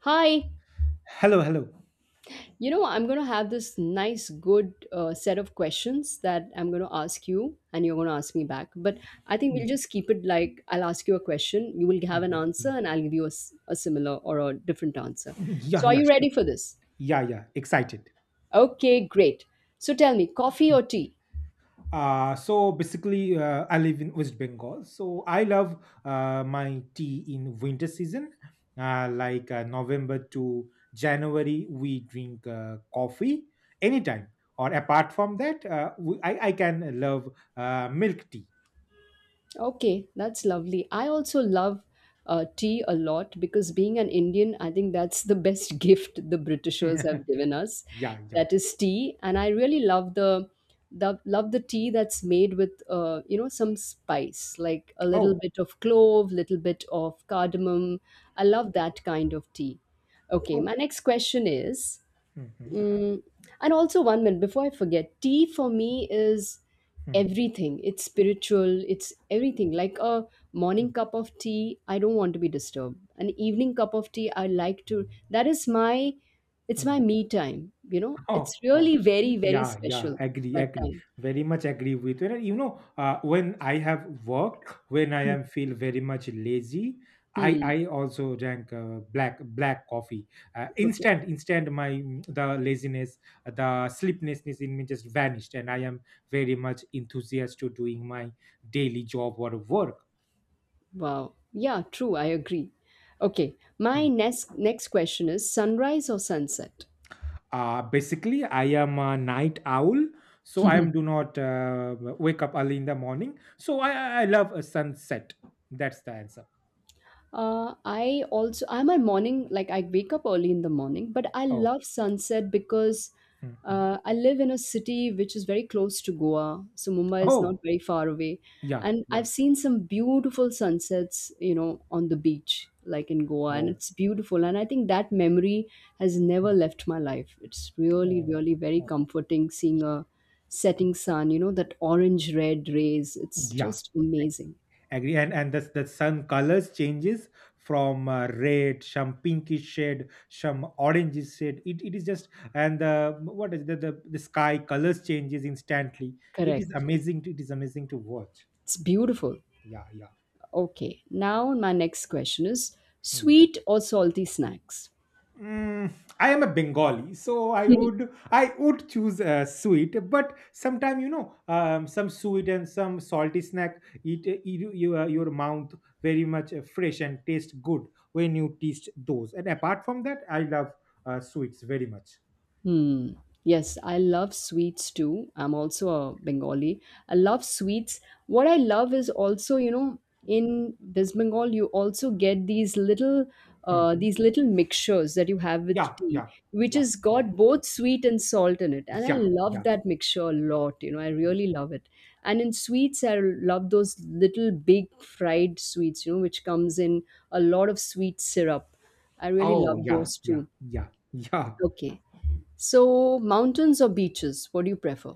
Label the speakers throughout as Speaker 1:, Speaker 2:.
Speaker 1: Hi.
Speaker 2: Hello, hello.
Speaker 1: You know, I'm going to have this nice, good set of questions that I'm going to ask you, and you're going to ask me back. But I think
Speaker 2: Mm,
Speaker 1: we'll just keep it like I'll ask you a question, you will have an
Speaker 2: Mhm,
Speaker 1: answer,
Speaker 2: mhm.
Speaker 1: and I'll give you a similar or a different answer.
Speaker 2: Mhm. Yeah,
Speaker 1: So, are
Speaker 2: yeah,
Speaker 1: you
Speaker 2: sure.
Speaker 1: ready for this?
Speaker 2: Yeah, yeah, excited.
Speaker 1: Okay, great. So, tell me, coffee
Speaker 2: Mm.
Speaker 1: or tea?
Speaker 2: So basically, I live in West Bengal. So I love my tea in winter season, November to January. We drink coffee anytime, or apart from that, I can love milk tea.
Speaker 1: Okay, that's lovely. I also love tea a lot because being an Indian, I think that's the best gift the Britishers have given us.
Speaker 2: Yeah, yeah.
Speaker 1: That is tea, and I really love the tea that's made with some spice, like a little
Speaker 2: Oh,
Speaker 1: bit of clove, little bit of cardamom. I love that kind of tea. Okay,
Speaker 2: oh.
Speaker 1: my next question is.
Speaker 2: Mhm,
Speaker 1: Mm, and also, one minute before I forget, tea for me is
Speaker 2: mhm,
Speaker 1: everything. It's spiritual, it's everything. Like a morning cup of tea, I don't want to be disturbed. An evening cup of tea, I like to, that is my, it's my
Speaker 2: mhm.
Speaker 1: me time, you know?
Speaker 2: Oh,
Speaker 1: It's
Speaker 2: oh.
Speaker 1: really very, very
Speaker 2: Yeah, yeah,
Speaker 1: special
Speaker 2: agree,
Speaker 1: that
Speaker 2: agree.
Speaker 1: time.
Speaker 2: Very much agree with you. And you know, when I am feel very much lazy, I
Speaker 1: Hmm.
Speaker 2: also drank black coffee. Uh,
Speaker 1: Okay.
Speaker 2: instant, instant, my mm, the laziness, the sleeplessness in me just vanished, and I am very much enthusiastic to doing my daily job or work.
Speaker 1: Wow. Yeah, true. I agree. Okay. My
Speaker 2: Hmm.
Speaker 1: next question is sunrise or sunset?
Speaker 2: Basically, I am a night owl, so I am do not wake up early in the morning. So I love a sunset. That's the answer.
Speaker 1: I also I'm a morning like I wake up early in the morning, but I
Speaker 2: Oh,
Speaker 1: love sunset because
Speaker 2: mhm.
Speaker 1: I live in a city which is very close to Goa, so Mumbai is not
Speaker 2: oh,
Speaker 1: very far away,
Speaker 2: yeah,
Speaker 1: and
Speaker 2: yeah.
Speaker 1: I've seen some beautiful sunsets, on the beach like in Goa, and
Speaker 2: Oh,
Speaker 1: it's beautiful, and I think that memory has never
Speaker 2: mm,
Speaker 1: left my life. It's really,
Speaker 2: oh,
Speaker 1: really very
Speaker 2: oh.
Speaker 1: comforting seeing a setting sun, that orange red rays. It's
Speaker 2: Yeah.
Speaker 1: just amazing.
Speaker 2: Agree. And the sun colors changes from red, some pinkish shade, some oranges shade. It is just and the what is the sky colors changes instantly.
Speaker 1: Correct.
Speaker 2: It is amazing to watch.
Speaker 1: It's beautiful.
Speaker 2: Yeah, yeah.
Speaker 1: Okay, now my next question is
Speaker 2: Hmm.
Speaker 1: sweet or salty snacks?
Speaker 2: Mm, I am a Bengali, so I would I would choose sweet. But sometimes you know, some sweet and some salty snack eat your mouth very much fresh and taste good when you taste those. And apart from that, I love sweets very much.
Speaker 1: Hmm. Yes, I love sweets too. I'm also a Bengali. I love sweets. What I love is also, in West Bengal, you also get
Speaker 2: Mhm.
Speaker 1: these little mixtures that you have with
Speaker 2: Yeah,
Speaker 1: tea,
Speaker 2: yeah,
Speaker 1: which
Speaker 2: yeah,
Speaker 1: has
Speaker 2: yeah,
Speaker 1: got both sweet and salt in it. And I
Speaker 2: yeah,
Speaker 1: love
Speaker 2: yeah,
Speaker 1: that mixture a lot. I
Speaker 2: yeah.
Speaker 1: really love it. And in sweets, I love those little big fried sweets, which comes in a lot of sweet syrup. I really
Speaker 2: Oh,
Speaker 1: love
Speaker 2: yeah,
Speaker 1: those
Speaker 2: yeah,
Speaker 1: too.
Speaker 2: yeah, yeah.
Speaker 1: Okay. So, mountains or beaches, what do you prefer?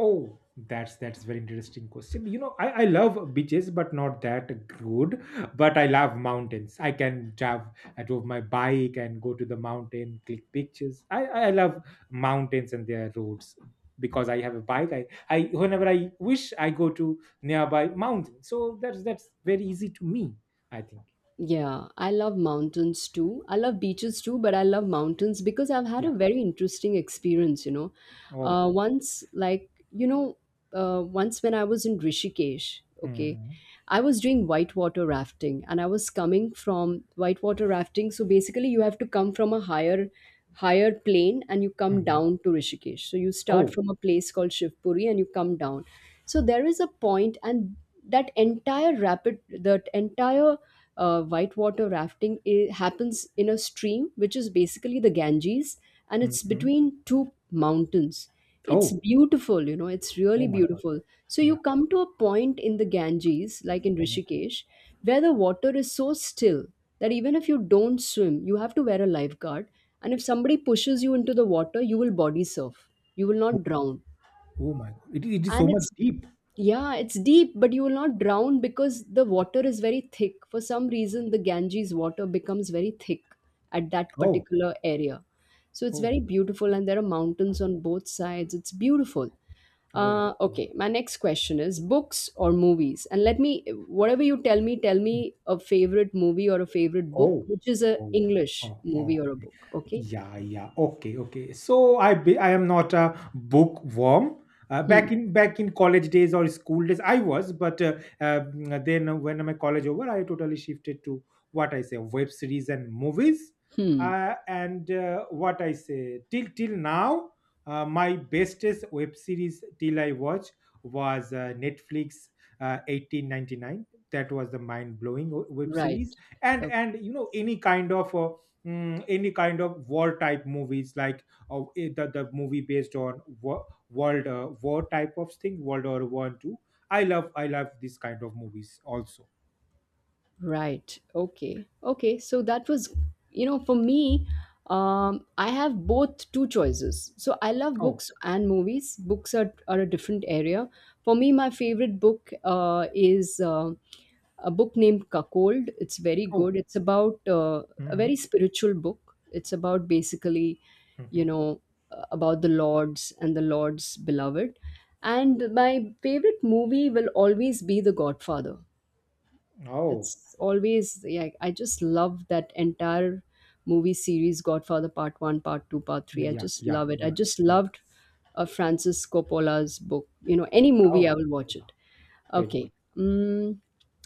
Speaker 2: Oh, that's very interesting question. You know, I love beaches, but not that good. But I love mountains. I can drive. I drove my bike and go to the mountain, click pictures. I love mountains and their roads because I have a bike. I whenever I wish I go to nearby mountain. So that's very easy to me. I think.
Speaker 1: Yeah, I love mountains too. I love beaches too, but I love mountains because I've had a
Speaker 2: Yeah.
Speaker 1: very interesting experience.
Speaker 2: Oh.
Speaker 1: Once, like, you know, once when I was in Rishikesh, okay,
Speaker 2: Hmm.
Speaker 1: I was doing whitewater rafting and I was coming from whitewater rafting. So basically, you have to come from a higher plane and you come
Speaker 2: Hmm.
Speaker 1: down to Rishikesh. So you start
Speaker 2: Oh.
Speaker 1: from a place called Shivpuri and you come down. So there is a point and that entire whitewater rafting I happens in a stream which is basically the Ganges, and it's
Speaker 2: Hmm.
Speaker 1: between two mountains. It's
Speaker 2: Oh.
Speaker 1: beautiful, it's really
Speaker 2: Oh my God.
Speaker 1: beautiful. So
Speaker 2: Yeah.
Speaker 1: you come to a point in the Ganges, like in
Speaker 2: Mhm.
Speaker 1: Rishikesh, where the water is so still that even if you don't swim, you have to wear a lifeguard. And if somebody pushes you into the water, you will body surf. You will
Speaker 2: Oh,
Speaker 1: not drown,
Speaker 2: oh my God. It is so
Speaker 1: and
Speaker 2: much
Speaker 1: it's,
Speaker 2: deep.
Speaker 1: yeah, it's deep, but you will not drown because the water is very thick. For some reason, the Ganges water becomes very thick at that
Speaker 2: Oh.
Speaker 1: particular area. So it's
Speaker 2: Oh,
Speaker 1: very beautiful, and there are mountains on both sides. It's beautiful.
Speaker 2: oh.
Speaker 1: uh,
Speaker 2: Oh! Oh.
Speaker 1: okay my next question is books or movies. And let me whatever you tell me, tell me a favorite movie or a favorite book
Speaker 2: Oh,
Speaker 1: which is a
Speaker 2: oh,
Speaker 1: English
Speaker 2: oh, oh.
Speaker 1: movie or a book. Okay.
Speaker 2: Yeah, yeah. Okay, okay. I am not a bookworm.
Speaker 1: Hmm.
Speaker 2: Back in college days or school days, I was, but then when my college over, I totally shifted to what I say web series and movies.
Speaker 1: Hmm.
Speaker 2: And What I say till now, my bestest web series till I watch was Netflix 1899. That was the mind blowing web
Speaker 1: Right.
Speaker 2: series, and you know any kind of any kind of war type movies, like the movie based on world war type of thing, world war one two. I love this kind of movies also.
Speaker 1: Right. Okay. Okay. So that was, for me, I have both two choices. So I love
Speaker 2: Oh,
Speaker 1: books and movies. Books are a different area. For me, my favorite book is a book named Cuckold. It's very good.
Speaker 2: oh.
Speaker 1: It's about a very
Speaker 2: Hmm,
Speaker 1: spiritual book. It's about basically, you
Speaker 2: hmm.
Speaker 1: know, about the Lord's and the Lord's beloved. And my favorite movie will always be The Godfather.
Speaker 2: Oh,
Speaker 1: It's always, yeah, I just love that entire movie series Godfather Part 1, Part 2, Part 3. I
Speaker 2: yeah,
Speaker 1: just
Speaker 2: yeah,
Speaker 1: love it. I
Speaker 2: yeah,
Speaker 1: just
Speaker 2: yeah.
Speaker 1: loved Francis Coppola's book. Any movie, I
Speaker 2: Oh,
Speaker 1: will watch it.
Speaker 2: very
Speaker 1: Okay.
Speaker 2: good.
Speaker 1: Mm,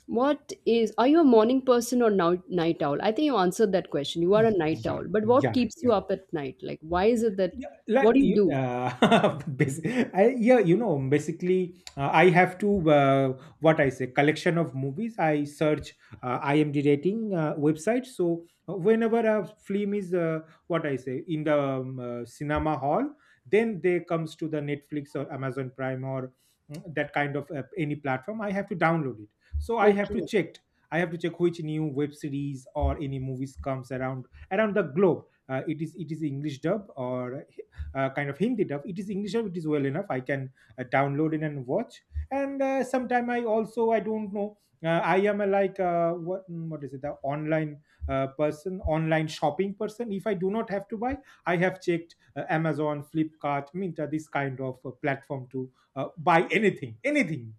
Speaker 1: what is are you a morning person or now night owl? I think you answered that question. You are a night
Speaker 2: Yeah,
Speaker 1: owl. But what
Speaker 2: yeah,
Speaker 1: keeps you
Speaker 2: yeah.
Speaker 1: up at night? Like, why is it that
Speaker 2: Yeah,
Speaker 1: what do you do?
Speaker 2: you know, basically, I have to what I say collection of movies. I search IMDb rating website. So whenever a film is what I say in the cinema hall, then they comes to the Netflix or Amazon Prime or that kind of any platform. I have to download it. So I have to
Speaker 1: Okay.
Speaker 2: check. I have to check which new web series or any movies comes around the globe. It is english dub or kind of hindi dub. It is english dub. It is well enough. I can download it and watch. And sometime I also I don't know, I am a like what is it, the online person online shopping person. If I do not have to buy, I have checked Amazon, Flipkart, Minta, this kind of platform to buy anything.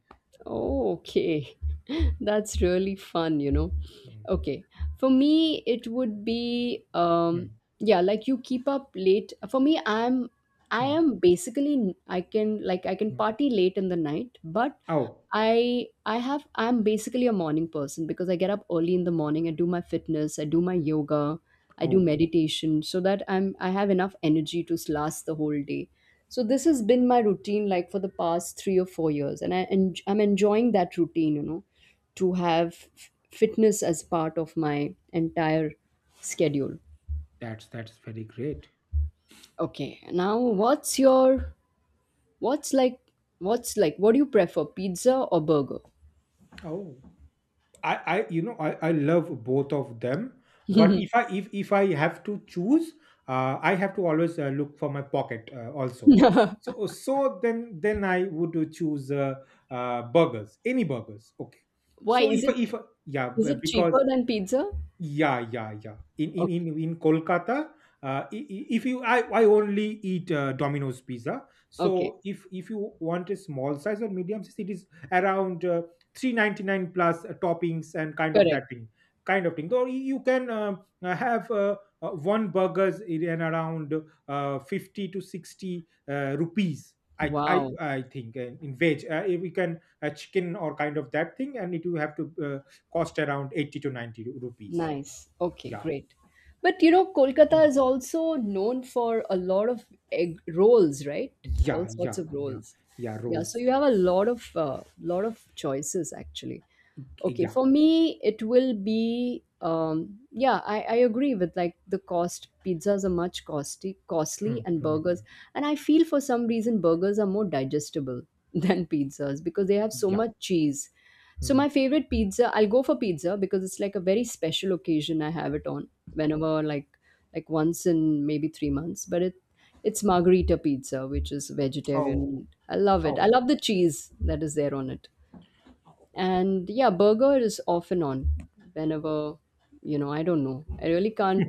Speaker 1: Oh, okay. That's really fun.
Speaker 2: Mm,
Speaker 1: Okay. For me, it would be
Speaker 2: mm,
Speaker 1: yeah, like you keep up late. For me, I'm I
Speaker 2: mm,
Speaker 1: am basically, I can
Speaker 2: mm.
Speaker 1: party late in the night, but
Speaker 2: Oh,
Speaker 1: I'm basically a morning person because I get up early in the morning, I do my fitness, I do my yoga, I do
Speaker 2: oh,
Speaker 1: meditation so that I have enough energy to last the whole day. So this has been my routine like for the past 3 or 4 years, and I'm enjoying that routine, you know, to have fitness as part of my entire schedule.
Speaker 2: that's very great.
Speaker 1: Okay. Now what's your what's like what's like what do you prefer, pizza or burger?
Speaker 2: Oh, I you know, I love both of them, but if I have to choose, I have to always look for my pocket also. So then I would choose burgers, any burgers, okay.
Speaker 1: Why
Speaker 2: so if
Speaker 1: is it cheaper
Speaker 2: because
Speaker 1: than pizza?
Speaker 2: yeah, yeah, yeah.
Speaker 1: Okay.
Speaker 2: In Kolkata, I- if you I only eat Domino's pizza.
Speaker 1: Okay.
Speaker 2: So if you want a small size or medium size, it is around 399 plus toppings and kind of
Speaker 1: Correct.
Speaker 2: that thing, kind of thing. Or you can have one burgers in and around 50 to 60 rupees.
Speaker 1: Wow.
Speaker 2: I think in veg we can chicken or kind of that thing, and it will have to cost around 80 to 90 rupees.
Speaker 1: Nice. Okay,
Speaker 2: Yeah.
Speaker 1: great. But, Kolkata
Speaker 2: Mm.
Speaker 1: is also known for a lot of egg rolls, right? All
Speaker 2: Yeah,
Speaker 1: sorts
Speaker 2: yeah,
Speaker 1: of
Speaker 2: yeah.
Speaker 1: rolls.
Speaker 2: Yeah,
Speaker 1: Yeah, so
Speaker 2: roles.
Speaker 1: you have a lot of choices, actually. Okay,
Speaker 2: Yeah.
Speaker 1: for me it will be yeah, I agree with like the cost. Pizzas are much costly,
Speaker 2: Mm,
Speaker 1: and
Speaker 2: mm,
Speaker 1: burgers. And I feel for some reason burgers are more digestible than pizzas because they have so
Speaker 2: yeah.
Speaker 1: much cheese. So
Speaker 2: Mm.
Speaker 1: my favorite pizza, I'll go for pizza because it's like a very special occasion I have it on, whenever, like once in maybe 3 months, but it's margarita pizza which is
Speaker 2: Oh,
Speaker 1: vegetarian. I love it. I
Speaker 2: oh.
Speaker 1: love the cheese that is there on it. And yeah, burger is off and on, whenever. I don't know. I really can't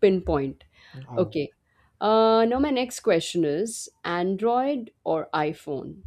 Speaker 1: pinpoint.
Speaker 2: Oh.
Speaker 1: Okay. Now my next question is Android or iPhone?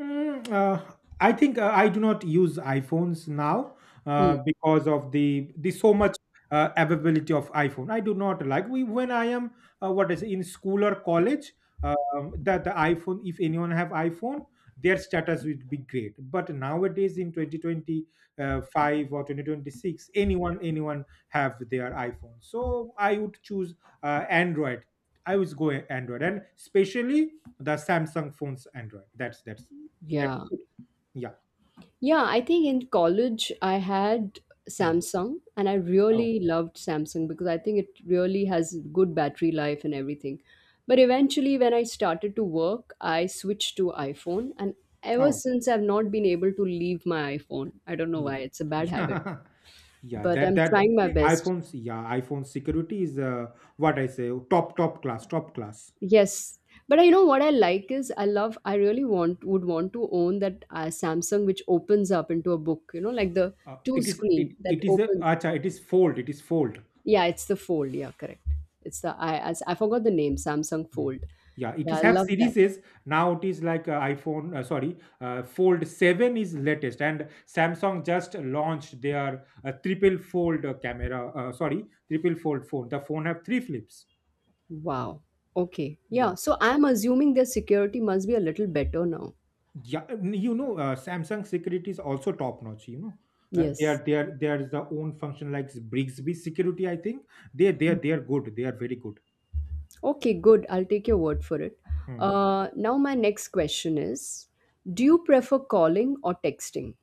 Speaker 2: Mm, uh, I think I do not use iPhones now
Speaker 1: Hmm.
Speaker 2: because of the so much availability of iPhone. I do not like we When I am in school or college, that the iPhone. If anyone have iPhone, their status would be great. But nowadays in 2025 or 2026, anyone have their iPhone. So I would choose Android. I would go Android, and especially the Samsung phones Android. That's that
Speaker 1: Yeah.
Speaker 2: could Yeah.
Speaker 1: Yeah, I think in college I had
Speaker 2: Hmm.
Speaker 1: Samsung and I
Speaker 2: Oh,
Speaker 1: really loved Samsung because I think it really has good battery life and everything. But eventually, when I started to work, I switched to iPhone, and ever
Speaker 2: oh,
Speaker 1: since I've not been able to leave my iPhone. I don't know why,
Speaker 2: yeah.
Speaker 1: it's a bad habit,
Speaker 2: Yeah, yeah.
Speaker 1: but I'm trying my best.
Speaker 2: iPhone security is what I say, top class, top class.
Speaker 1: Yes. But you know what I like is, I love I really want would want to own that Samsung which opens up into a book, you know, like the two screen that
Speaker 2: It is a
Speaker 1: opens.
Speaker 2: acha, it is fold.
Speaker 1: Yeah, it's the Fold. Yeah, correct. It's the, I, as I forgot the name, Samsung
Speaker 2: Hmm.
Speaker 1: Fold.
Speaker 2: Yeah, it
Speaker 1: Yeah,
Speaker 2: is
Speaker 1: I
Speaker 2: have
Speaker 1: love that.
Speaker 2: series. Now it is like Fold 7 is latest, and Samsung just launched their triple fold phone. The phone have three flips.
Speaker 1: Wow. Okay. Yeah,
Speaker 2: Yeah.
Speaker 1: so I'm assuming their security must be a little better now.
Speaker 2: Yeah, and you know, Samsung security is also top notch. You know,
Speaker 1: Yes.
Speaker 2: they are the own function like Brigsby security. I think they are good. They are very good.
Speaker 1: Okay, good. I'll take your word for it. Now my next question is, do you prefer calling or texting?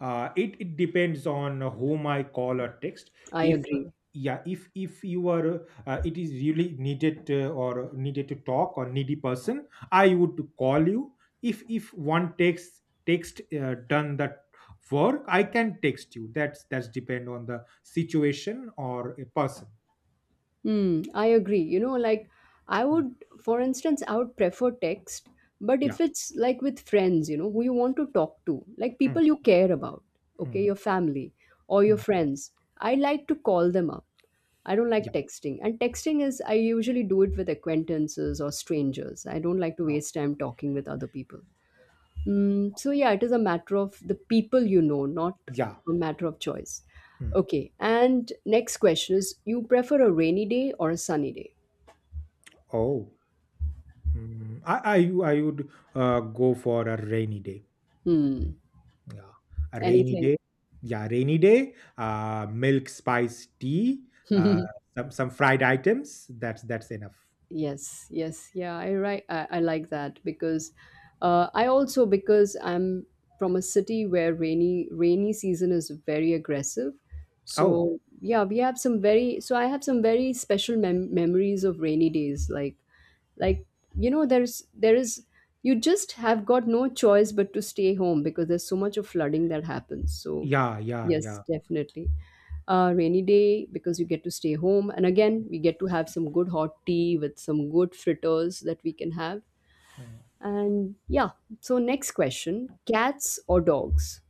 Speaker 2: It it depends on whom I call or text.
Speaker 1: I
Speaker 2: If
Speaker 1: agree.
Speaker 2: yeah If you are, it is really needed, or needed to talk or needy person, I would call you. If one text, done that work, I can text you. That's depend on the situation or a person.
Speaker 1: Hmm, I agree. Like I
Speaker 2: Mm,
Speaker 1: would, for instance, I would prefer text, but if
Speaker 2: yeah.
Speaker 1: it's like with friends, who you want to talk to, like
Speaker 2: Mm,
Speaker 1: people you care about, okay,
Speaker 2: mm,
Speaker 1: your family or your
Speaker 2: mm.
Speaker 1: friends, I like to call them up. I don't like
Speaker 2: Yeah.
Speaker 1: texting. And texting is, I usually do it with acquaintances or strangers. I don't like to
Speaker 2: Oh,
Speaker 1: waste time talking with other people. So yeah, it is a matter of the people you know, not
Speaker 2: yeah.
Speaker 1: a matter of choice.
Speaker 2: Mm.
Speaker 1: Okay, and next question is: you prefer a rainy day or a sunny day?
Speaker 2: Oh. I would go for a rainy day.
Speaker 1: Hmm.
Speaker 2: Yeah. A rainy
Speaker 1: Anything?
Speaker 2: day. Yeah, rainy day, milk spice tea, uh, some fried items. That's enough.
Speaker 1: Yes, yes, yeah. I right. I like that because I also, because I'm from a city where rainy season is very aggressive.
Speaker 2: Oh,
Speaker 1: So yeah, we have some very. So I have some very special memories of rainy days, like you know there's there is you just have got no choice but to stay home because there's so much of flooding that happens. So
Speaker 2: yeah, yeah,
Speaker 1: yes,
Speaker 2: yeah.
Speaker 1: definitely rainy day, because you get to stay home and again we get to have some good hot tea with some good fritters that we can have. And yeah, so next question, cats or dogs?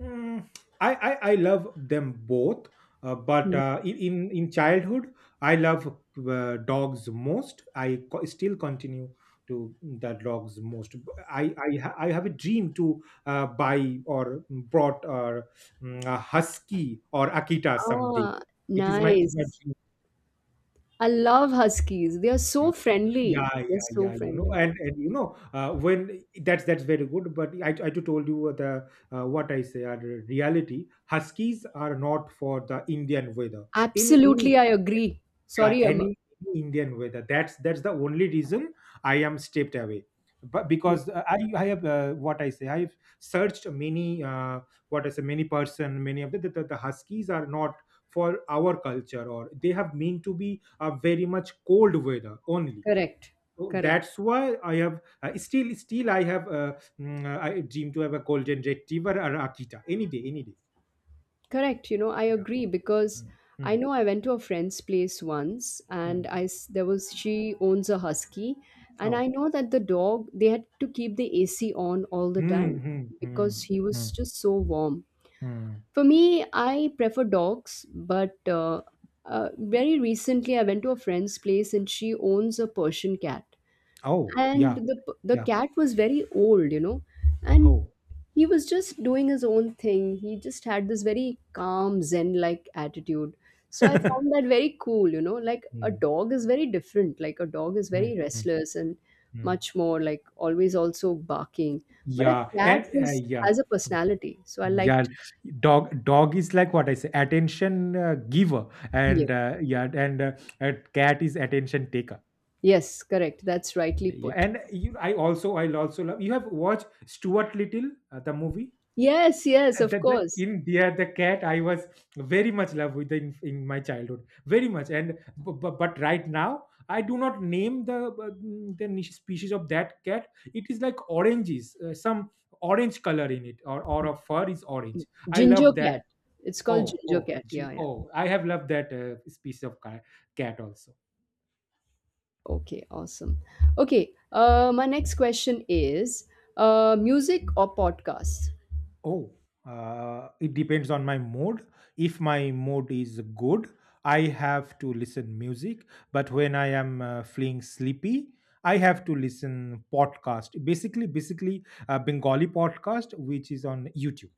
Speaker 2: Mm, I love them both, but
Speaker 1: Hmm.
Speaker 2: in in childhood, I love dogs most. Still continue to the dogs most. I have a dream to buy or brought or mm, a husky or Akita someday.
Speaker 1: Ah,
Speaker 2: It is my
Speaker 1: nice.
Speaker 2: dream.
Speaker 1: I love huskies, they are so
Speaker 2: Yeah.
Speaker 1: friendly
Speaker 2: Yeah,
Speaker 1: they're
Speaker 2: yeah,
Speaker 1: so
Speaker 2: yeah. You know,
Speaker 1: friendly
Speaker 2: and you know, when that's very good. But I just told you the what I say are the reality. Huskies are not for the Indian weather.
Speaker 1: Absolutely,
Speaker 2: Any
Speaker 1: I agree.
Speaker 2: yeah,
Speaker 1: Sorry i
Speaker 2: any Indian weather. That's the only reason I am stepped away. But because I have what I say, I have searched many what I say, many person, many of the Huskies are not for our culture, or they have mean to be a very much cold weather only.
Speaker 1: Correct.
Speaker 2: So
Speaker 1: Correct.
Speaker 2: that's why I have still I have I dream to have a golden retriever or Akita any day, any day.
Speaker 1: Correct. I
Speaker 2: Yeah.
Speaker 1: agree because
Speaker 2: Mm,
Speaker 1: I
Speaker 2: mm,
Speaker 1: know I went to a friend's place once, and
Speaker 2: mm.
Speaker 1: I s- there was she owns a husky, and
Speaker 2: Oh.
Speaker 1: I know that the dog, they had to keep the AC on all the
Speaker 2: Mm,
Speaker 1: time
Speaker 2: mm,
Speaker 1: because
Speaker 2: mm,
Speaker 1: he was
Speaker 2: mm,
Speaker 1: just so warm.
Speaker 2: mm.
Speaker 1: For me, I prefer dogs, but very recently I went to a friend's place and she owns a Persian cat.
Speaker 2: Oh,
Speaker 1: And
Speaker 2: yeah,
Speaker 1: the the
Speaker 2: yeah.
Speaker 1: cat was very old, you know, and
Speaker 2: Oh.
Speaker 1: he was just doing his own thing. He just had this very calm, zen like attitude, so I found that very cool, you know. Like a
Speaker 2: Mm,
Speaker 1: dog is very different. Like a dog is very
Speaker 2: mm, mm,
Speaker 1: restless and
Speaker 2: mm.
Speaker 1: much more like always also barking, but a
Speaker 2: Yeah,
Speaker 1: cat
Speaker 2: and
Speaker 1: is
Speaker 2: yeah.
Speaker 1: has a personality, so I
Speaker 2: Yeah,
Speaker 1: liked.
Speaker 2: dog is like what I say, attention giver,
Speaker 1: Yeah,
Speaker 2: and a cat is attention taker.
Speaker 1: yes, correct, that's rightly
Speaker 2: Yeah,
Speaker 1: put.
Speaker 2: and you, I also love. You have watched Stuart Little, the movie.
Speaker 1: Yes, yes, of
Speaker 2: The,
Speaker 1: course.
Speaker 2: in there, the cat. I was very much love with in my childhood, very much. But right now, I do not name the the niche species of that cat. It is like oranges, some orange color in it, or a fur is orange. I
Speaker 1: Ginger
Speaker 2: love that.
Speaker 1: cat. It's called
Speaker 2: Oh,
Speaker 1: ginger
Speaker 2: oh,
Speaker 1: cat, yeah,
Speaker 2: gee,
Speaker 1: yeah.
Speaker 2: oh! I have loved that species of cat also.
Speaker 1: Okay, awesome. Okay, my next question is music or podcasts?
Speaker 2: Oh, it depends on my mood. If my mood is good, I have to listen music. But when I am feeling sleepy, I have to listen podcast. Basically, basically Bengali podcast, which is on YouTube.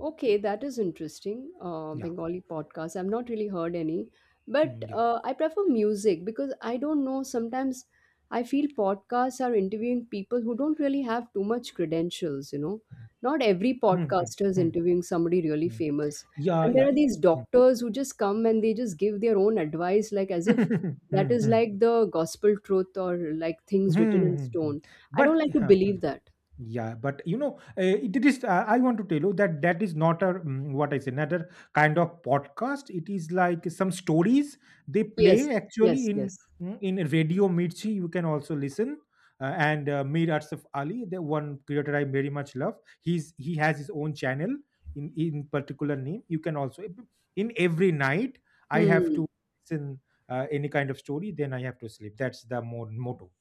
Speaker 1: Okay, that is interesting.
Speaker 2: Yeah,
Speaker 1: Bengali podcasts. I've not really heard any, but
Speaker 2: mm, yeah,
Speaker 1: I prefer music because I don't know. Sometimes I feel podcasts are interviewing people who don't really have too much credentials, you know. Not every
Speaker 2: mm, mm,
Speaker 1: podcaster is
Speaker 2: mm,
Speaker 1: interviewing somebody really
Speaker 2: mm,
Speaker 1: famous.
Speaker 2: yeah,
Speaker 1: And there
Speaker 2: yeah.
Speaker 1: are these
Speaker 2: Mm.
Speaker 1: doctors who just come and they just give their own advice, like as if that
Speaker 2: Mm,
Speaker 1: is
Speaker 2: mm,
Speaker 1: like the gospel truth or like
Speaker 2: mm,
Speaker 1: things written in
Speaker 2: mm, mm.
Speaker 1: stone. I don't
Speaker 2: But
Speaker 1: like to
Speaker 2: yeah.
Speaker 1: believe that.
Speaker 2: Yeah, but you know, it is I want to tell you that is not a what I say, another kind of podcast. It is like some stories they
Speaker 1: Yes,
Speaker 2: play actually
Speaker 1: yes,
Speaker 2: in
Speaker 1: yes.
Speaker 2: in Radio Mirchi, you can also listen. And Mir Arsaf Ali, the one creator I very much love. He has his own channel in particular name, you can also in every night. I have
Speaker 1: Hmm.
Speaker 2: to listen any kind of story, then I have to sleep. That's the more motto.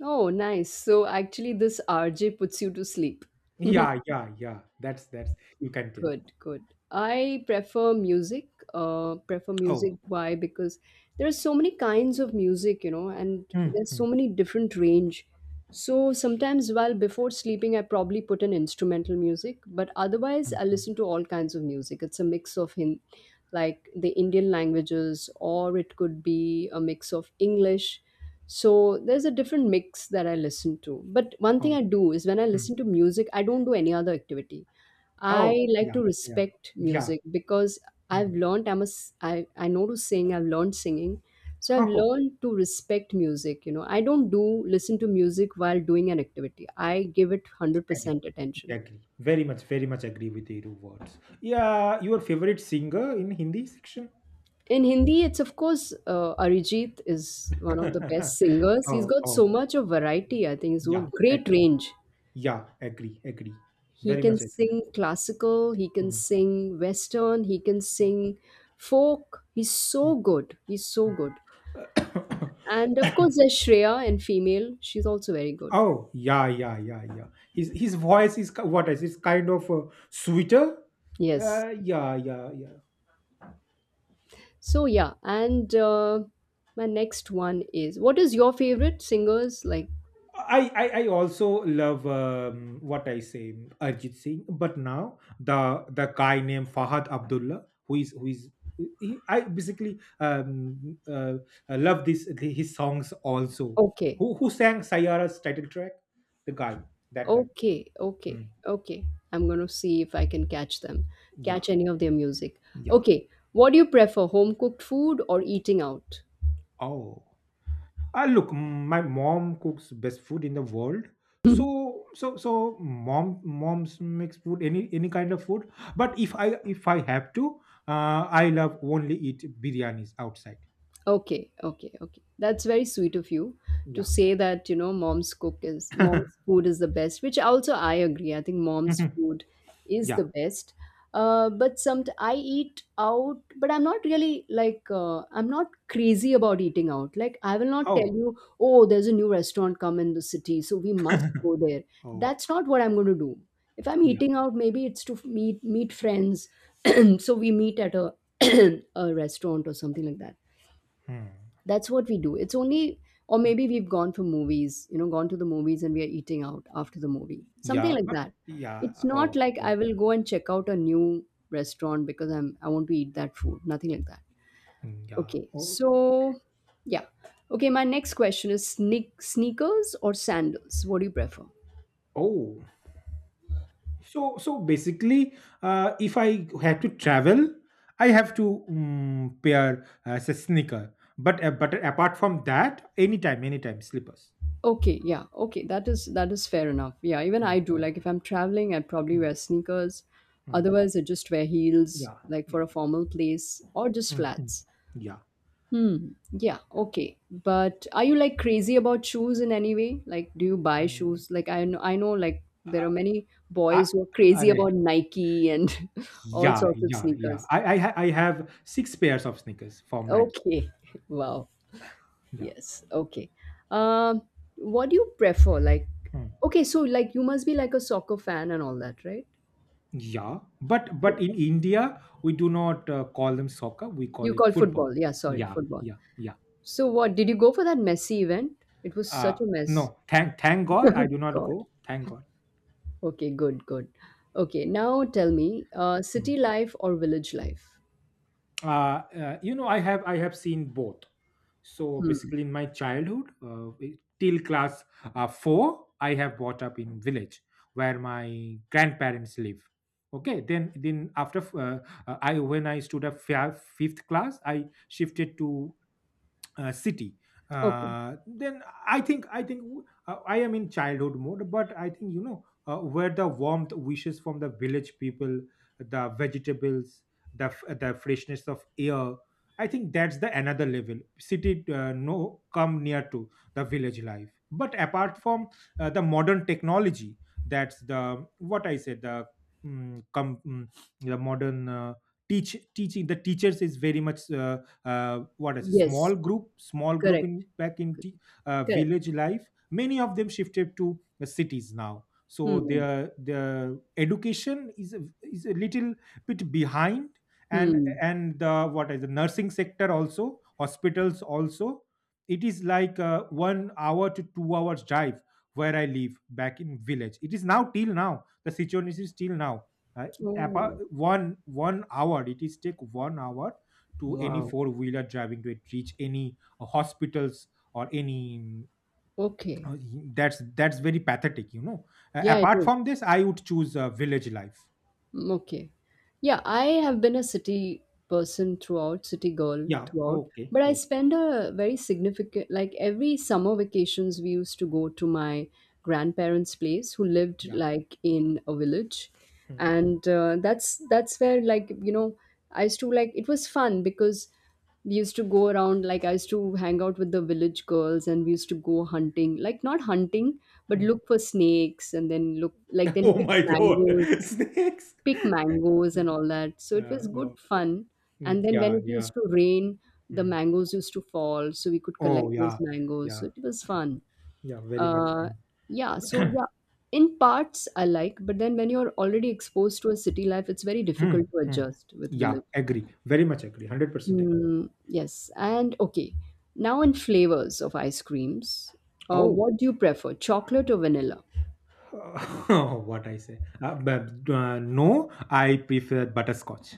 Speaker 1: Oh, nice. So actually, this RJ puts you to sleep.
Speaker 2: Yeah, yeah, yeah. That's, you can tell.
Speaker 1: Good, good. I prefer music. Prefer music.
Speaker 2: Oh.
Speaker 1: Why? Because there are so many kinds of music, you know, and
Speaker 2: Mm,
Speaker 1: there's so
Speaker 2: mm,
Speaker 1: many different range. So sometimes, while before sleeping, I probably put in instrumental music, but otherwise,
Speaker 2: mm,
Speaker 1: I
Speaker 2: mm.
Speaker 1: listen to all kinds of music. It's a mix of him, like the Indian languages, or it could be a mix of English. So there's a different mix that I listen to. But one thing
Speaker 2: Oh.
Speaker 1: I do is when I
Speaker 2: Mm.
Speaker 1: listen to music, I don't do any other activity.
Speaker 2: Oh,
Speaker 1: I like
Speaker 2: yeah,
Speaker 1: to
Speaker 2: yeah,
Speaker 1: respect
Speaker 2: yeah.
Speaker 1: music because I've
Speaker 2: Mm.
Speaker 1: learned. I know to sing. I've learned singing, so I've
Speaker 2: Oh,
Speaker 1: learned to respect music. You know, I don't do listen to music while doing an activity. I give it hundred
Speaker 2: agree,
Speaker 1: percent attention.
Speaker 2: agree. Very much, very much agree with your words. Yeah, your favorite singer in Hindi section?
Speaker 1: In Hindi, it's of course Arijit is one of the best singers. He's
Speaker 2: Oh,
Speaker 1: got so
Speaker 2: oh,
Speaker 1: much of variety. I think he's
Speaker 2: yeah,
Speaker 1: got great
Speaker 2: agree.
Speaker 1: range.
Speaker 2: Yeah, agree, agree.
Speaker 1: He
Speaker 2: Very
Speaker 1: can
Speaker 2: much agree.
Speaker 1: sing classical. He can
Speaker 2: Mm.
Speaker 1: sing western. He can
Speaker 2: No.
Speaker 1: sing folk. He's
Speaker 2: Mm,
Speaker 1: so good. He's so
Speaker 2: mm.
Speaker 1: good. And of course, there's Shreya in female. She's also very good.
Speaker 2: Oh, yeah, yeah, yeah, yeah. His voice is ki- what is, it's kind of sweeter.
Speaker 1: Yes.
Speaker 2: Yeah, yeah, yeah.
Speaker 1: So yeah, and my next one is what is your favorite singers? Like,
Speaker 2: I also love what I say, Arjit Singh, but now the guy named Fahad Abdullah, who is, he, I basically I love this his songs also.
Speaker 1: okay,
Speaker 2: Who sang Sayara's title track? The guy, that guy.
Speaker 1: okay,
Speaker 2: Hmm.
Speaker 1: okay, okay. I'm gonna see if I can catch them,
Speaker 2: Yeah,
Speaker 1: catch any of their music.
Speaker 2: yeah.
Speaker 1: Okay, what do you prefer, home cooked food or eating out?
Speaker 2: Oh. Look, my mom cooks best food in the world. So mom moms makes food any kind of food. But if I have to, I love only eat biryanis outside.
Speaker 1: Okay, okay, okay. That's very sweet of you to
Speaker 2: Yeah.
Speaker 1: say that, you know, mom's cook is mom's food is the best, which also I agree. I think mom's food is
Speaker 2: Yeah.
Speaker 1: the best. But some I eat out, but I'm not really like I'm not crazy about eating out. Like I will not tell
Speaker 2: Oh.
Speaker 1: you, oh, there's a new restaurant come in the city, so we must go there.
Speaker 2: Oh.
Speaker 1: That's not what I'm going to do. If I'm
Speaker 2: Yeah.
Speaker 1: eating out, maybe it's to meet friends, so we meet at a a restaurant or something like that.
Speaker 2: Hmm.
Speaker 1: That's what we do. It's only, or maybe we've gone for movies, you know, gone to the movies and we are eating out after the movie, something
Speaker 2: Yeah.
Speaker 1: like
Speaker 2: But
Speaker 1: that.
Speaker 2: yeah.
Speaker 1: It's
Speaker 2: Oh.
Speaker 1: not like I
Speaker 2: Oh.
Speaker 1: will go and check out a new restaurant because I want to eat that food, nothing like that.
Speaker 2: Hmm. Yeah.
Speaker 1: Okay,
Speaker 2: Oh.
Speaker 1: so yeah. Okay, my next question is sneakers or sandals, what do you prefer?
Speaker 2: Oh. So, so basically, if I had to travel, I have to pair as a sneaker. But apart from that, anytime, anytime, slippers.
Speaker 1: Okay, yeah, okay, that is fair enough. Yeah, even
Speaker 2: Mm,
Speaker 1: I do,
Speaker 2: mm,
Speaker 1: like if I'm traveling I probably
Speaker 2: mm,
Speaker 1: wear sneakers,
Speaker 2: mm.
Speaker 1: otherwise I just wear heels,
Speaker 2: Yeah,
Speaker 1: like
Speaker 2: yeah,
Speaker 1: for a formal place, or just
Speaker 2: mm, mm,
Speaker 1: flats.
Speaker 2: yeah.
Speaker 1: Hmm. Yeah. Okay. But are you like crazy about shoes in any way? Like, do you buy
Speaker 2: Mm.
Speaker 1: shoes? Like, I know, like there
Speaker 2: Uh,
Speaker 1: are many
Speaker 2: I,
Speaker 1: boys who are crazy
Speaker 2: arey,
Speaker 1: about Nike and all
Speaker 2: yeah,
Speaker 1: sorts of
Speaker 2: yeah, yeah.
Speaker 1: sneakers.
Speaker 2: I have six pairs of sneakers from Nike.
Speaker 1: Okay. Wow.
Speaker 2: Yeah.
Speaker 1: Yes. Okay. Um, what do you prefer? Like,
Speaker 2: Mm.
Speaker 1: okay, so like you must be like a soccer fan and all that, right?
Speaker 2: Yeah. But in India, we do not call them soccer. We call
Speaker 1: You
Speaker 2: it
Speaker 1: call
Speaker 2: football.
Speaker 1: football. Yeah. Sorry,
Speaker 2: Yeah,
Speaker 1: football.
Speaker 2: yeah, yeah.
Speaker 1: So what did you go for that Messi event? It was
Speaker 2: Uh,
Speaker 1: such a mess.
Speaker 2: no, thank God I do not
Speaker 1: God.
Speaker 2: go. Thank God.
Speaker 1: Okay, good, good. Okay, now tell me, city
Speaker 2: Mm.
Speaker 1: life or village life?
Speaker 2: You know, I have seen both. So
Speaker 1: Hmm.
Speaker 2: basically, in my childhood, till class four, I have brought up in village where my grandparents live. Okay, then after I when I stood up fia- fifth class, I shifted to city
Speaker 1: Okay.
Speaker 2: then I think I am in childhood mode, but I think you know where the warmth wishes from the village people, the vegetables, the f- the freshness of air, I think that's the another level. City no come near to the village life, but apart from the modern technology, that's the what I said, the um, com- mm, the modern teaching the teachers is very much what is a
Speaker 1: Yes,
Speaker 2: small group, small group in
Speaker 1: correct,
Speaker 2: back in
Speaker 1: correct.
Speaker 2: village life. Many of them shifted to the cities now, so
Speaker 1: Hmm.
Speaker 2: their education is a little bit behind, and
Speaker 1: Hmm.
Speaker 2: and the what is the nursing sector also, hospitals also, it is like 1 hour to 2 hours drive where I live back in village. It is now till now the situation is till now uh,
Speaker 1: Oh,
Speaker 2: one hour it is take 1 hour to any
Speaker 1: wow.
Speaker 2: four wheeler driving to it, reach any hospitals or any
Speaker 1: Okay.
Speaker 2: uh, that's very pathetic, you know.
Speaker 1: Yeah, it
Speaker 2: Apart
Speaker 1: is.
Speaker 2: from this, I would choose village life.
Speaker 1: Mm, okay. Yeah, I have been a city person throughout, city girl
Speaker 2: Yeah.
Speaker 1: throughout,
Speaker 2: Okay.
Speaker 1: but I
Speaker 2: Oh.
Speaker 1: spend a very significant, like every summer vacations, we used to go to my grandparents' place who lived
Speaker 2: Yeah.
Speaker 1: like in a village.
Speaker 2: Hmm,
Speaker 1: And that's where, like, you know, I used to like it was fun because we used to go around, like I used to hang out with the village girls and we used to go hunting, like not hunting, but
Speaker 2: hmm.
Speaker 1: look for snakes and then look like then
Speaker 2: Oh
Speaker 1: pick
Speaker 2: my God.
Speaker 1: mangoes,
Speaker 2: Snakes.
Speaker 1: and all that. So it
Speaker 2: Yeah,
Speaker 1: was
Speaker 2: oh,
Speaker 1: good fun. And
Speaker 2: mm,
Speaker 1: then when
Speaker 2: yeah,
Speaker 1: it
Speaker 2: yeah.
Speaker 1: used to rain, the
Speaker 2: Mm.
Speaker 1: mangoes used to fall, so we could
Speaker 2: Oh,
Speaker 1: collect those
Speaker 2: yeah,
Speaker 1: mangoes. So
Speaker 2: yeah,
Speaker 1: it was
Speaker 2: yeah,
Speaker 1: fun.
Speaker 2: yeah, very much.
Speaker 1: Uh, yeah. So yeah, in parts I like, but then when you're already exposed to a city life, it's very
Speaker 2: Mm,
Speaker 1: difficult to
Speaker 2: mm.
Speaker 1: adjust with
Speaker 2: Yeah,
Speaker 1: village.
Speaker 2: agree. Very much agree. 100% agree.
Speaker 1: Mm, yes. And okay, now in flavors of ice creams,
Speaker 2: Oh.
Speaker 1: what do you prefer, chocolate or vanilla?
Speaker 2: Oh, what I say? But, no, I prefer butterscotch.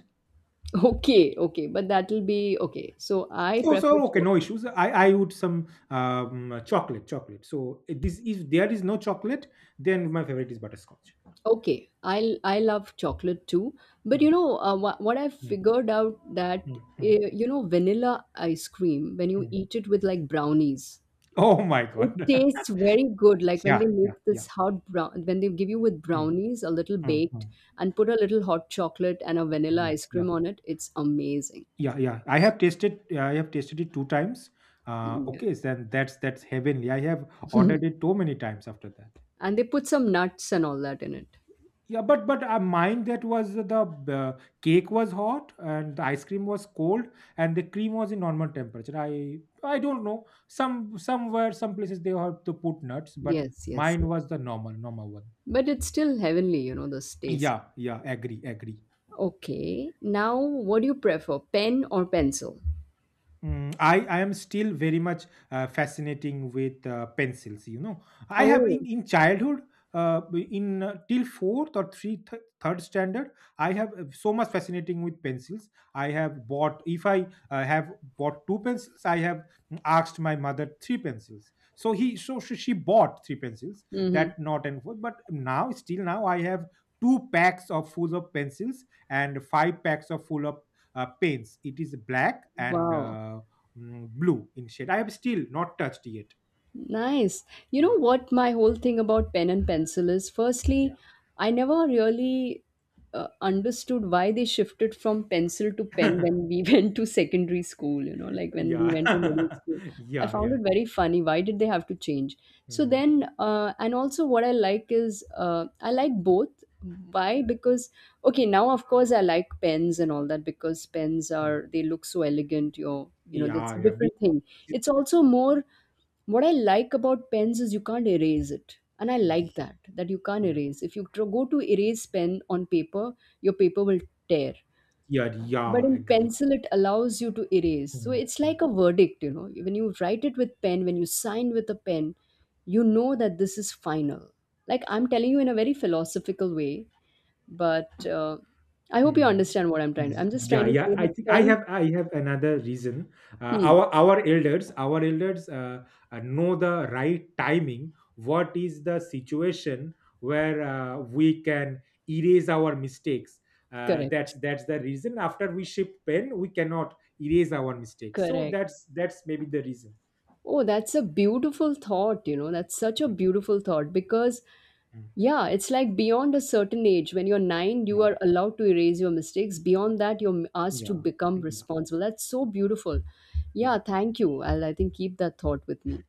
Speaker 1: Okay, okay, but that'll be okay. So I
Speaker 2: So,
Speaker 1: prefer
Speaker 2: so okay, no
Speaker 1: chocolate.
Speaker 2: issues. I would some chocolate, chocolate. So it- this, if there is no chocolate, then my favorite is butterscotch.
Speaker 1: Okay, I love chocolate too, but
Speaker 2: Mm,
Speaker 1: you know what I
Speaker 2: mm,
Speaker 1: figured out that
Speaker 2: mm, mm,
Speaker 1: you know vanilla ice cream when you
Speaker 2: mm.
Speaker 1: eat it with like brownies,
Speaker 2: Oh my
Speaker 1: it
Speaker 2: God.
Speaker 1: tastes very good. Like when
Speaker 2: Yeah,
Speaker 1: they
Speaker 2: yeah,
Speaker 1: make this
Speaker 2: yeah.
Speaker 1: hot brown, when they give you with
Speaker 2: Mm,
Speaker 1: brownies a little
Speaker 2: mm,
Speaker 1: baked
Speaker 2: mm.
Speaker 1: and put a little hot chocolate and a vanilla
Speaker 2: Yeah,
Speaker 1: ice cream
Speaker 2: yeah,
Speaker 1: on it, it's amazing.
Speaker 2: yeah, yeah. I have tasted. I have tasted it two times.
Speaker 1: Yeah,
Speaker 2: Okay, then that's heavenly. I have ordered it too many times after that.
Speaker 1: and they put some nuts and all that in it.
Speaker 2: Yeah, but mine that was the cake was hot and the ice cream was cold, and the cream was in normal temperature. I don't know. Some somewhere some places they have to put nuts, but
Speaker 1: Yes, yes,
Speaker 2: mine
Speaker 1: yes.
Speaker 2: was the normal one.
Speaker 1: But it's still heavenly, you know, this taste.
Speaker 2: Yeah, yeah, agree, agree.
Speaker 1: Okay. Now, what do you prefer, pen or pencil?
Speaker 2: Mm. I am still very much fascinating with pencils. You know, I have
Speaker 1: Oh,
Speaker 2: in childhood, in till fourth or three th- third standard, I have so much fascinating with pencils. I have bought, if I have bought two pencils, I have asked my mother three pencils. So he so she bought three pencils.
Speaker 1: hmm.
Speaker 2: That not and forth. But now, still now, I have two packs of full of pencils and five packs of full of paints. It is black and
Speaker 1: Wow.
Speaker 2: blue in shade. I have still not touched yet.
Speaker 1: Nice. You
Speaker 2: Yeah.
Speaker 1: know what my whole thing about pen and
Speaker 2: Mm.
Speaker 1: pencil is?
Speaker 2: Yeah.
Speaker 1: Firstly, I never really understood why they shifted from pencil to pen when we went to secondary school, you know, like when we went to middle
Speaker 2: Yeah.
Speaker 1: school. I
Speaker 2: Yeah.
Speaker 1: found
Speaker 2: Yeah.
Speaker 1: it very funny. Why did they have to change? So
Speaker 2: Mm,
Speaker 1: then, and also what I like is I like both. Why? Because, okay, now of course I like pens and all that because pens
Speaker 2: mm.
Speaker 1: are, they look so elegant. You're, you know, that's
Speaker 2: Yeah.
Speaker 1: a
Speaker 2: Yeah. Be-
Speaker 1: different thing. It's also more. What I like about pens is you can't erase it, and I like
Speaker 2: Yeah.
Speaker 1: that, that you can't erase. If you go to erase pen on paper, your paper will tear,
Speaker 2: Yeah.
Speaker 1: but
Speaker 2: Yeah.
Speaker 1: in
Speaker 2: Agree.
Speaker 1: pencil it allows you to erase. So
Speaker 2: Mm,
Speaker 1: it's like
Speaker 2: mm.
Speaker 1: a verdict, you know. When you write it with pen, when you sign with a pen, you know that this is final. Like I'm telling you in a very philosophical way, but I hope you
Speaker 2: Hmm.
Speaker 1: understand what I'm just trying
Speaker 2: Yeah,
Speaker 1: to
Speaker 2: yeah.
Speaker 1: say,
Speaker 2: I
Speaker 1: that
Speaker 2: think I
Speaker 1: pen.
Speaker 2: have I have another reason.
Speaker 1: Hmm,
Speaker 2: Our elders, our elders know the right timing. What is the situation where we can erase our mistakes?
Speaker 1: correct,
Speaker 2: That's the reason. After we ship pen, we cannot erase our mistakes. So
Speaker 1: correct.
Speaker 2: that's maybe the reason.
Speaker 1: Oh, that's a beautiful thought, you know. That's such a
Speaker 2: Yeah.
Speaker 1: beautiful thought because,
Speaker 2: Mm.
Speaker 1: yeah, it's like beyond a certain age, when you're nine, you
Speaker 2: Yeah,
Speaker 1: are allowed to erase your mistakes. Beyond that, you're asked to
Speaker 2: yeah,
Speaker 1: become
Speaker 2: yeah,
Speaker 1: responsible. That's so beautiful. Yeah,
Speaker 2: yeah.
Speaker 1: thank you. I'll, I think, keep that thought with me.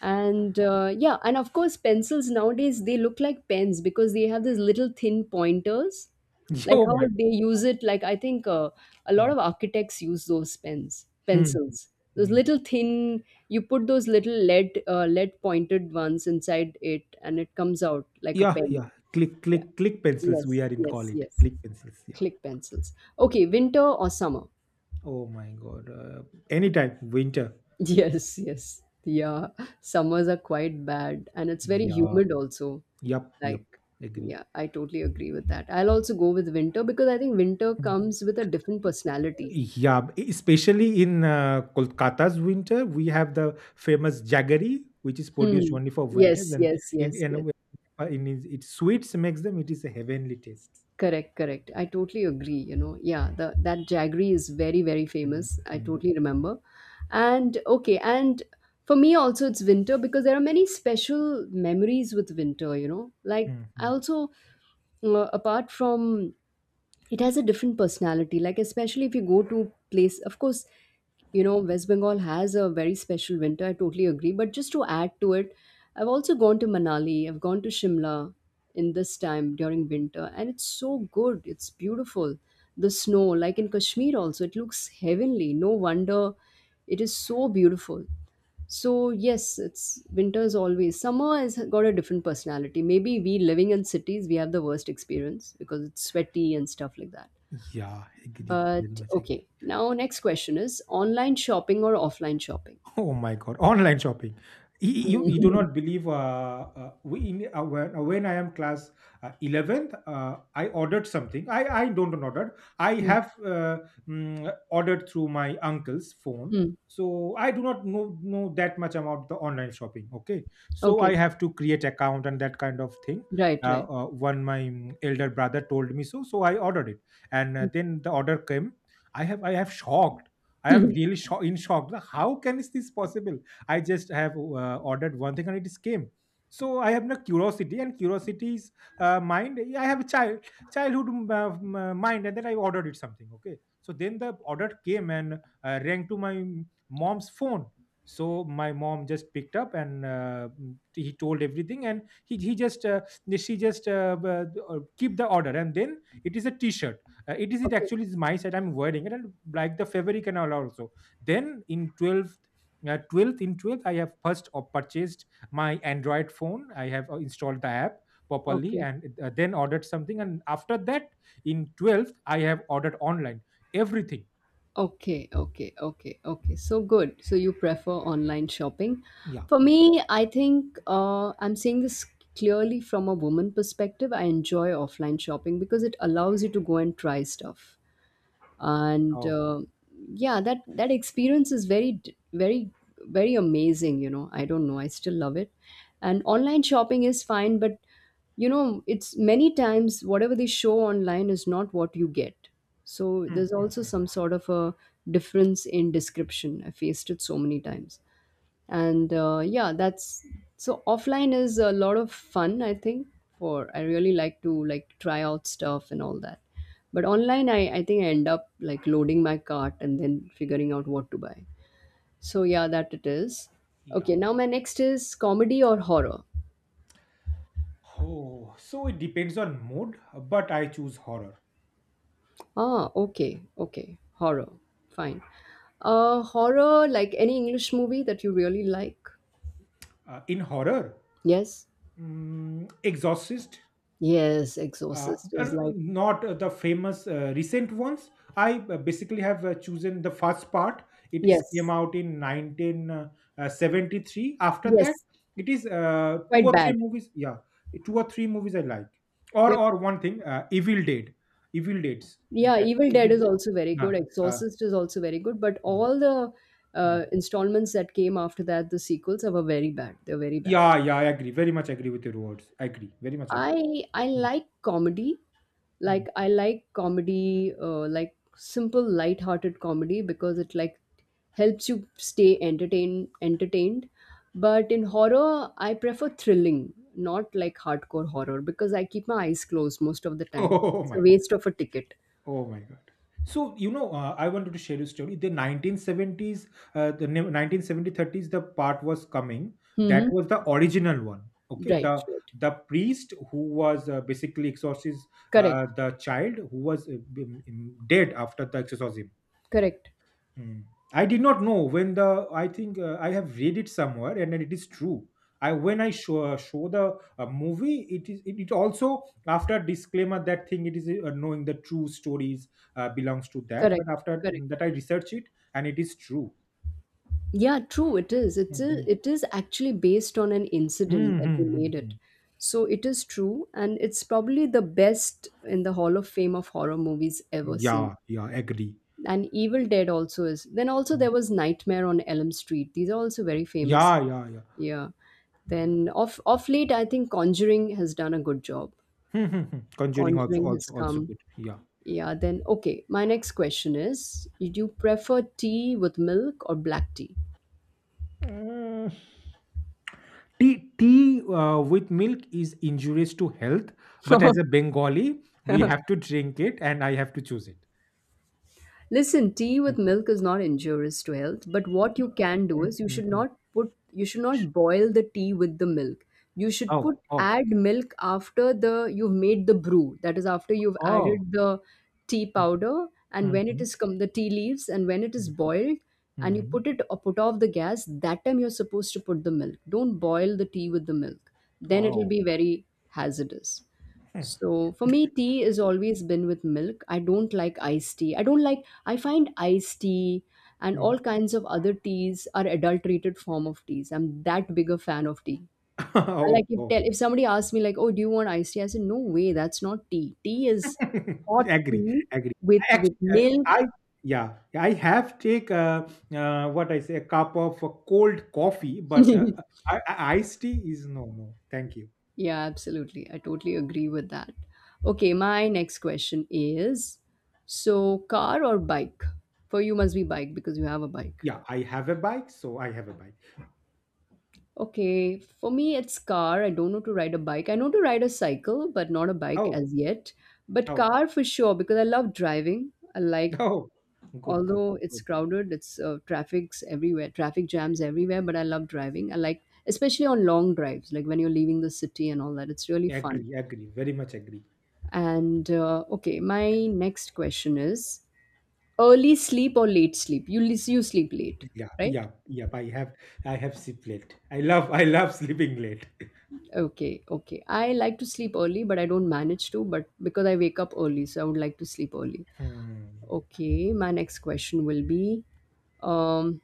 Speaker 1: And yeah, and of course, pencils nowadays, they look like pens because they have these little thin pointers. Like
Speaker 2: Oh
Speaker 1: how
Speaker 2: my
Speaker 1: would
Speaker 2: God.
Speaker 1: they use it? Like I think a lot
Speaker 2: Mm.
Speaker 1: of architects use those pens
Speaker 2: Hmm.
Speaker 1: pencils, those
Speaker 2: Hmm.
Speaker 1: little thin, you put those little lead lead pointed ones inside it and it comes out like a
Speaker 2: Yeah,
Speaker 1: pen.
Speaker 2: yeah. Click,
Speaker 1: Yeah,
Speaker 2: click, click pencils.
Speaker 1: yes,
Speaker 2: We are in call
Speaker 1: yes,
Speaker 2: it.
Speaker 1: yes.
Speaker 2: Click pencils. Yeah.
Speaker 1: Click pencils. Okay, winter or summer?
Speaker 2: Oh my God. Anytime. Winter.
Speaker 1: Yes, yes, yeah, summers are quite bad and it's very
Speaker 2: Yeah.
Speaker 1: humid also,
Speaker 2: Yup. Yup.
Speaker 1: like.
Speaker 2: Agree.
Speaker 1: Yeah, I totally agree with that. I'll also go with winter because I think winter
Speaker 2: Mm.
Speaker 1: comes with a different personality.
Speaker 2: Yeah. b- Especially in Kolkata's winter, we have the famous jaggery, which is produced
Speaker 1: Hmm.
Speaker 2: only for winters,
Speaker 1: Yes,
Speaker 2: and
Speaker 1: yes, yes,
Speaker 2: in, a
Speaker 1: yes.
Speaker 2: way- in its sweets makes them. It is a heavenly taste.
Speaker 1: Correct, correct. I totally agree. You know, yeah, the that jaggery is very, very
Speaker 2: Mm,
Speaker 1: famous. I
Speaker 2: mm,
Speaker 1: totally remember. And okay, and for me also, it's winter because there are many special memories with winter. You know, like
Speaker 2: mm,
Speaker 1: I
Speaker 2: mm.
Speaker 1: also apart from, it has a different personality, like especially if you go to place, of course, you know, West Bengal has a very special winter, I totally agree, but just to add to it, I've also gone to Manali, I've gone to Shimla in this time during winter and it's so good, it's beautiful. The snow, like in Kashmir also, it looks heavenly. No wonder it is so beautiful. So yes, it's winters always. Summer has got a different personality. Maybe we living in cities, we have the worst experience because it's sweaty and stuff like that.
Speaker 2: Yeah. Agree. Very
Speaker 1: But
Speaker 2: much
Speaker 1: okay,
Speaker 2: agree.
Speaker 1: now next question is online shopping or offline shopping?
Speaker 2: Oh my God, online shopping. You, you, you do not believe we in, when I am class 11th, I ordered something. I don't order. I
Speaker 1: Hmm.
Speaker 2: have ordered through my uncle's phone.
Speaker 1: Hmm.
Speaker 2: So I do not know, know that much about the online shopping. Okay. So
Speaker 1: Okay,
Speaker 2: I have to create account and that kind of thing.
Speaker 1: right, right.
Speaker 2: One, my elder brother told me so. So I ordered it. And then the order came. I have shocked. I am really sho- in shock. Like, how can is this possible? I just have ordered one thing, and it is came. So I have no curiosity, and curiosity is mind. I have a child childhood mind, and then I ordered it something. Okay, so then the order came and rang to my mom's phone. So my mom just picked up and he told everything, and he just she just keep the order, and then it is a T-shirt, it is it
Speaker 1: Okay,
Speaker 2: actually is my side, I'm wearing it, and like the February canal also. Then in 12th, 12th in 12th I have first purchased my Android phone. I have installed the app properly,
Speaker 1: okay.
Speaker 2: and then ordered something, and after that in 12th I have ordered online everything.
Speaker 1: Okay, okay, okay, okay. So good. So you prefer online shopping.
Speaker 2: Yeah,
Speaker 1: For
Speaker 2: yeah.
Speaker 1: me, I think I'm seeing this clearly from a woman perspective. I enjoy offline shopping because it allows you to go and try stuff and
Speaker 2: Oh.
Speaker 1: yeah, that experience is very very amazing, I don't know, I still love it. And online shopping is fine, but it's many times whatever they show online is not what you get. So
Speaker 2: Mm,
Speaker 1: there's
Speaker 2: mm,
Speaker 1: also
Speaker 2: mm.
Speaker 1: some sort of a difference in description. I faced it so many times. And yeah, that's, so offline is a lot of fun, I think. For I really like to, like, try out stuff and all that. But online, I think I end up like loading my cart and then figuring out what to buy. So yeah, that it is.
Speaker 2: Yeah.
Speaker 1: Okay, now my next is comedy or horror.
Speaker 2: Oh, so it depends on mood, but I choose horror.
Speaker 1: Ah, okay, okay, horror, fine. Uh, horror, like any English movie that you really like.
Speaker 2: In horror,
Speaker 1: Yes.
Speaker 2: Exorcist.
Speaker 1: Yes,
Speaker 2: Uh,
Speaker 1: Exorcist is like,
Speaker 2: not the famous recent ones. I basically have chosen the first part. It is came
Speaker 1: yes,
Speaker 2: out in 1973. After that,
Speaker 1: yes,
Speaker 2: it is two
Speaker 1: quite
Speaker 2: or
Speaker 1: bad.
Speaker 2: three movies, yeah. Two or three movies I like. or
Speaker 1: They,
Speaker 2: or one thing, Evil Dead. Evil Deads.
Speaker 1: yeah,
Speaker 2: That
Speaker 1: Evil Dead is also very good.
Speaker 2: uh, uh,
Speaker 1: Exorcist is also very good, but
Speaker 2: mm.
Speaker 1: all the
Speaker 2: Mm.
Speaker 1: installments that came after that, the sequels are were very bad. They're very bad.
Speaker 2: Yeah, yeah, I agree, very much agree with your words. I agree, very much agree.
Speaker 1: I
Speaker 2: Mm,
Speaker 1: like comedy, like
Speaker 2: mm.
Speaker 1: I like comedy, like simple light-hearted comedy, because it like helps you stay entertained. But in horror, I prefer thrilling, not like hardcore horror, because I keep my eyes closed most of the time.
Speaker 2: Oh
Speaker 1: It's a
Speaker 2: my.
Speaker 1: waste of a ticket.
Speaker 2: Oh my God. So, you know, I wanted to share a story. The 1970s, the 1970-30s, the part was coming. That
Speaker 1: Mm-hmm.
Speaker 2: was the original one. Okay.
Speaker 1: Right,
Speaker 2: The
Speaker 1: right.
Speaker 2: the priest who was basically exorcist,
Speaker 1: Correct.
Speaker 2: the child who was dead after the exorcism.
Speaker 1: Correct.
Speaker 2: Mm. I did not know when the, I think I have read it somewhere, and then it is true. I when I show show the movie, it is it, it also after disclaimer that thing. It is knowing the true stories belongs to that.
Speaker 1: Correct.
Speaker 2: But after
Speaker 1: Correct.
Speaker 2: that, I research it, and it is true.
Speaker 1: Yeah, true. It is.
Speaker 2: Mhm.
Speaker 1: It is actually based on an incident
Speaker 2: Mhm,
Speaker 1: that they made
Speaker 2: mhm,
Speaker 1: it.
Speaker 2: mhm.
Speaker 1: So it is true, and it's probably the best in the Hall of Fame of horror movies ever seen.
Speaker 2: Yeah, yeah, agree.
Speaker 1: And Evil Dead also is. Then also
Speaker 2: Mm.
Speaker 1: there was Nightmare on Elm Street. These are also very famous.
Speaker 2: Yeah, yeah, yeah.
Speaker 1: Yeah.
Speaker 2: Mm.
Speaker 1: Then off late, I think Conjuring has done a good job.
Speaker 2: Conjuring also
Speaker 1: Conjuring has
Speaker 2: also also
Speaker 1: come.
Speaker 2: good. Yeah.
Speaker 1: Yeah. Then okay. My next question is: do you prefer tea with milk or black tea?
Speaker 2: Uh, tea, tea with milk is injurious to health, but as a Bengali, we have to drink it, and I have to choose it.
Speaker 1: Listen, tea
Speaker 2: Mm.
Speaker 1: with milk is not injurious to health, but what you can do
Speaker 2: Mm,
Speaker 1: is
Speaker 2: mm, mm.
Speaker 1: you should not boil the tea with the milk. You should put
Speaker 2: Oh, oh,
Speaker 1: add milk after the you've made the brew. That is after you've
Speaker 2: oh.
Speaker 1: added the tea
Speaker 2: Mm,
Speaker 1: powder, and when it
Speaker 2: mhm,
Speaker 1: is come the tea leaves and when it is
Speaker 2: mm,
Speaker 1: boiled
Speaker 2: mm,
Speaker 1: and you
Speaker 2: mhm.
Speaker 1: put it or put off the gas, that time you're supposed to put the milk. Don't boil the tea with the milk. Then it'll
Speaker 2: Oh.
Speaker 1: be very hazardous.
Speaker 2: Mm,
Speaker 1: So for me, tea has always been with milk. I don't like iced tea. I don't like. I find iced tea and all
Speaker 2: mm.
Speaker 1: kinds of other teas are adulterated form of teas. I'm that big a fan of tea. I like
Speaker 2: Oh,
Speaker 1: if
Speaker 2: oh.
Speaker 1: tell if somebody asks me like, oh, do you want iced tea? I said, no way, that's not tea. Tea is hot
Speaker 2: Agree,
Speaker 1: tea
Speaker 2: agree.
Speaker 1: with
Speaker 2: Actually,
Speaker 1: milk.
Speaker 2: I, yeah, I have take what I say, a cup of cold coffee, but I- iced tea is no, no. Thank you.
Speaker 1: Yeah, absolutely. I totally agree with that. Okay, my next question is, so car or bike? For you must be bike because you have a bike.
Speaker 2: Yeah, I have a bike, so I have a bike.
Speaker 1: Okay, for me, it's car. I don't know to ride a bike. I know to ride a cycle, but not a bike
Speaker 2: Oh,
Speaker 1: as yet. But
Speaker 2: oh,
Speaker 1: car for sure, because I love driving. I like,
Speaker 2: oh, good, good,
Speaker 1: although it's
Speaker 2: good.
Speaker 1: crowded, it's traffic's everywhere, traffic jams everywhere, but I love driving. I like, especially on long drives, like when you're leaving the city and all that. It's really fun.
Speaker 2: Agree, agree, very much agree.
Speaker 1: And okay, my next question is early sleep or late sleep? You sleep late,
Speaker 2: Yeah,
Speaker 1: right?
Speaker 2: yeah, yeah. I have sleep late. I love sleeping late.
Speaker 1: Okay, okay. I like to sleep early, but I don't manage to, but because I wake up early, so I would like to sleep early.
Speaker 2: Hmm.
Speaker 1: Okay, my next question will be um,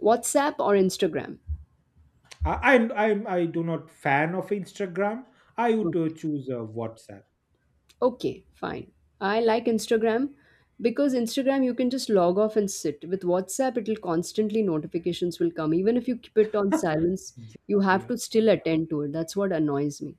Speaker 1: WhatsApp or Instagram?
Speaker 2: I'm, I do not fan of Instagram. I would
Speaker 1: Okay.
Speaker 2: choose WhatsApp.
Speaker 1: Okay, fine. I like Instagram because Instagram you can just log off and sit. With WhatsApp, it'll constantly notifications will come. Even if you keep it on silence,
Speaker 2: Yeah,
Speaker 1: you have
Speaker 2: yeah,
Speaker 1: to still
Speaker 2: yeah,
Speaker 1: attend to it. That's what annoys me.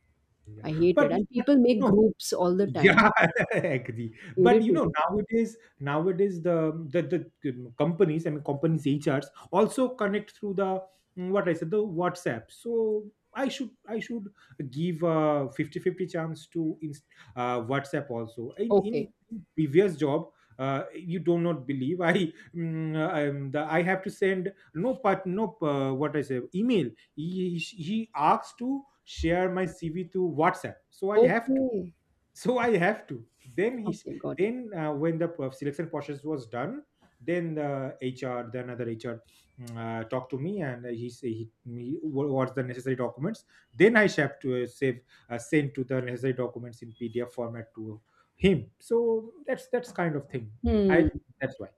Speaker 2: yeah.
Speaker 1: I hate it.
Speaker 2: But,
Speaker 1: And
Speaker 2: but
Speaker 1: people
Speaker 2: you
Speaker 1: make
Speaker 2: know,
Speaker 1: groups all the time.
Speaker 2: yeah, agree. But you know,
Speaker 1: Irritating.
Speaker 2: nowadays, nowadays the companies, I mean, companies HRs also connect through the what I said, the WhatsApp. So I should give a fifty fifty chance to in, WhatsApp also. In
Speaker 1: Okay.
Speaker 2: previous job, you do not believe I the, I have to send no part, no what I say, email. He asks to share my CV to WhatsApp, so I have to
Speaker 1: Okay.
Speaker 2: so i have to then he's
Speaker 1: Okay, got
Speaker 2: then when the p- selection process was done, then the HR, the another HR, talked to me and he say he me wha- what's the necessary documents, then I have to save send to the necessary documents in PDF format to him. So that's kind of thing. I
Speaker 1: it. Hmm.
Speaker 2: that's why.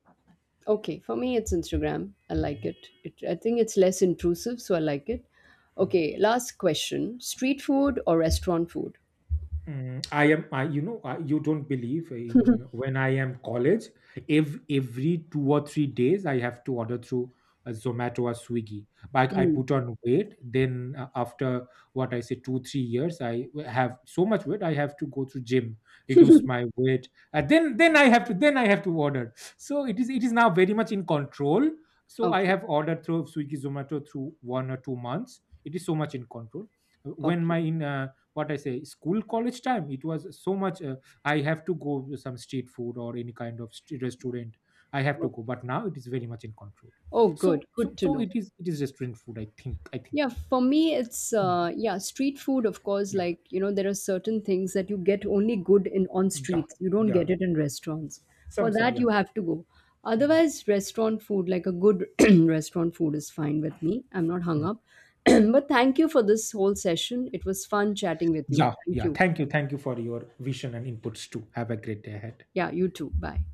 Speaker 1: Okay, for me it's Instagram. I like
Speaker 2: Mhm.
Speaker 1: it. It. I think it's less intrusive, so I like it. Okay, last question: street food or restaurant food?
Speaker 2: Mm, you know, I, you don't believe in when I am college, if every 2 or 3 days I have to order through Zomato or Swiggy. But I
Speaker 1: Hmm.
Speaker 2: put on weight. Then after what I say, two, 3 years, I w- have so much weight. I have to go to gym, reduce my weight. Then I have to, then I have to order. So it is now very much in control. So I
Speaker 1: Okay,
Speaker 2: have ordered through Swiggy, Zomato through 1 or 2 months. It is so much in control. When
Speaker 1: okay.
Speaker 2: my in what I say school college time, it was so much I have to go to some street food or any kind of st- restaurant, I have to
Speaker 1: Okay.
Speaker 2: go, but now it is very much in control.
Speaker 1: Oh,
Speaker 2: so
Speaker 1: good. Good
Speaker 2: so
Speaker 1: to
Speaker 2: so
Speaker 1: know.
Speaker 2: it is restaurant food, I think, I think.
Speaker 1: Yeah, for me, it's
Speaker 2: Mm.
Speaker 1: yeah, street food. Of course,
Speaker 2: Yeah,
Speaker 1: like, there are certain things that you get only good in on
Speaker 2: yeah,
Speaker 1: streets. You don't
Speaker 2: yeah,
Speaker 1: get it in restaurants. For
Speaker 2: some,
Speaker 1: that,
Speaker 2: yeah.
Speaker 1: you have to go.
Speaker 2: Mm,
Speaker 1: Otherwise, restaurant food, like a good restaurant food, is fine with me. I'm not hung
Speaker 2: mm.
Speaker 1: up. But thank you for this whole session. It was fun chatting with you.
Speaker 2: Yeah,
Speaker 1: Thank
Speaker 2: yeah,
Speaker 1: you.
Speaker 2: thank you, thank you for your vision and inputs too. Have a great day ahead.
Speaker 1: Yeah, you too. Bye.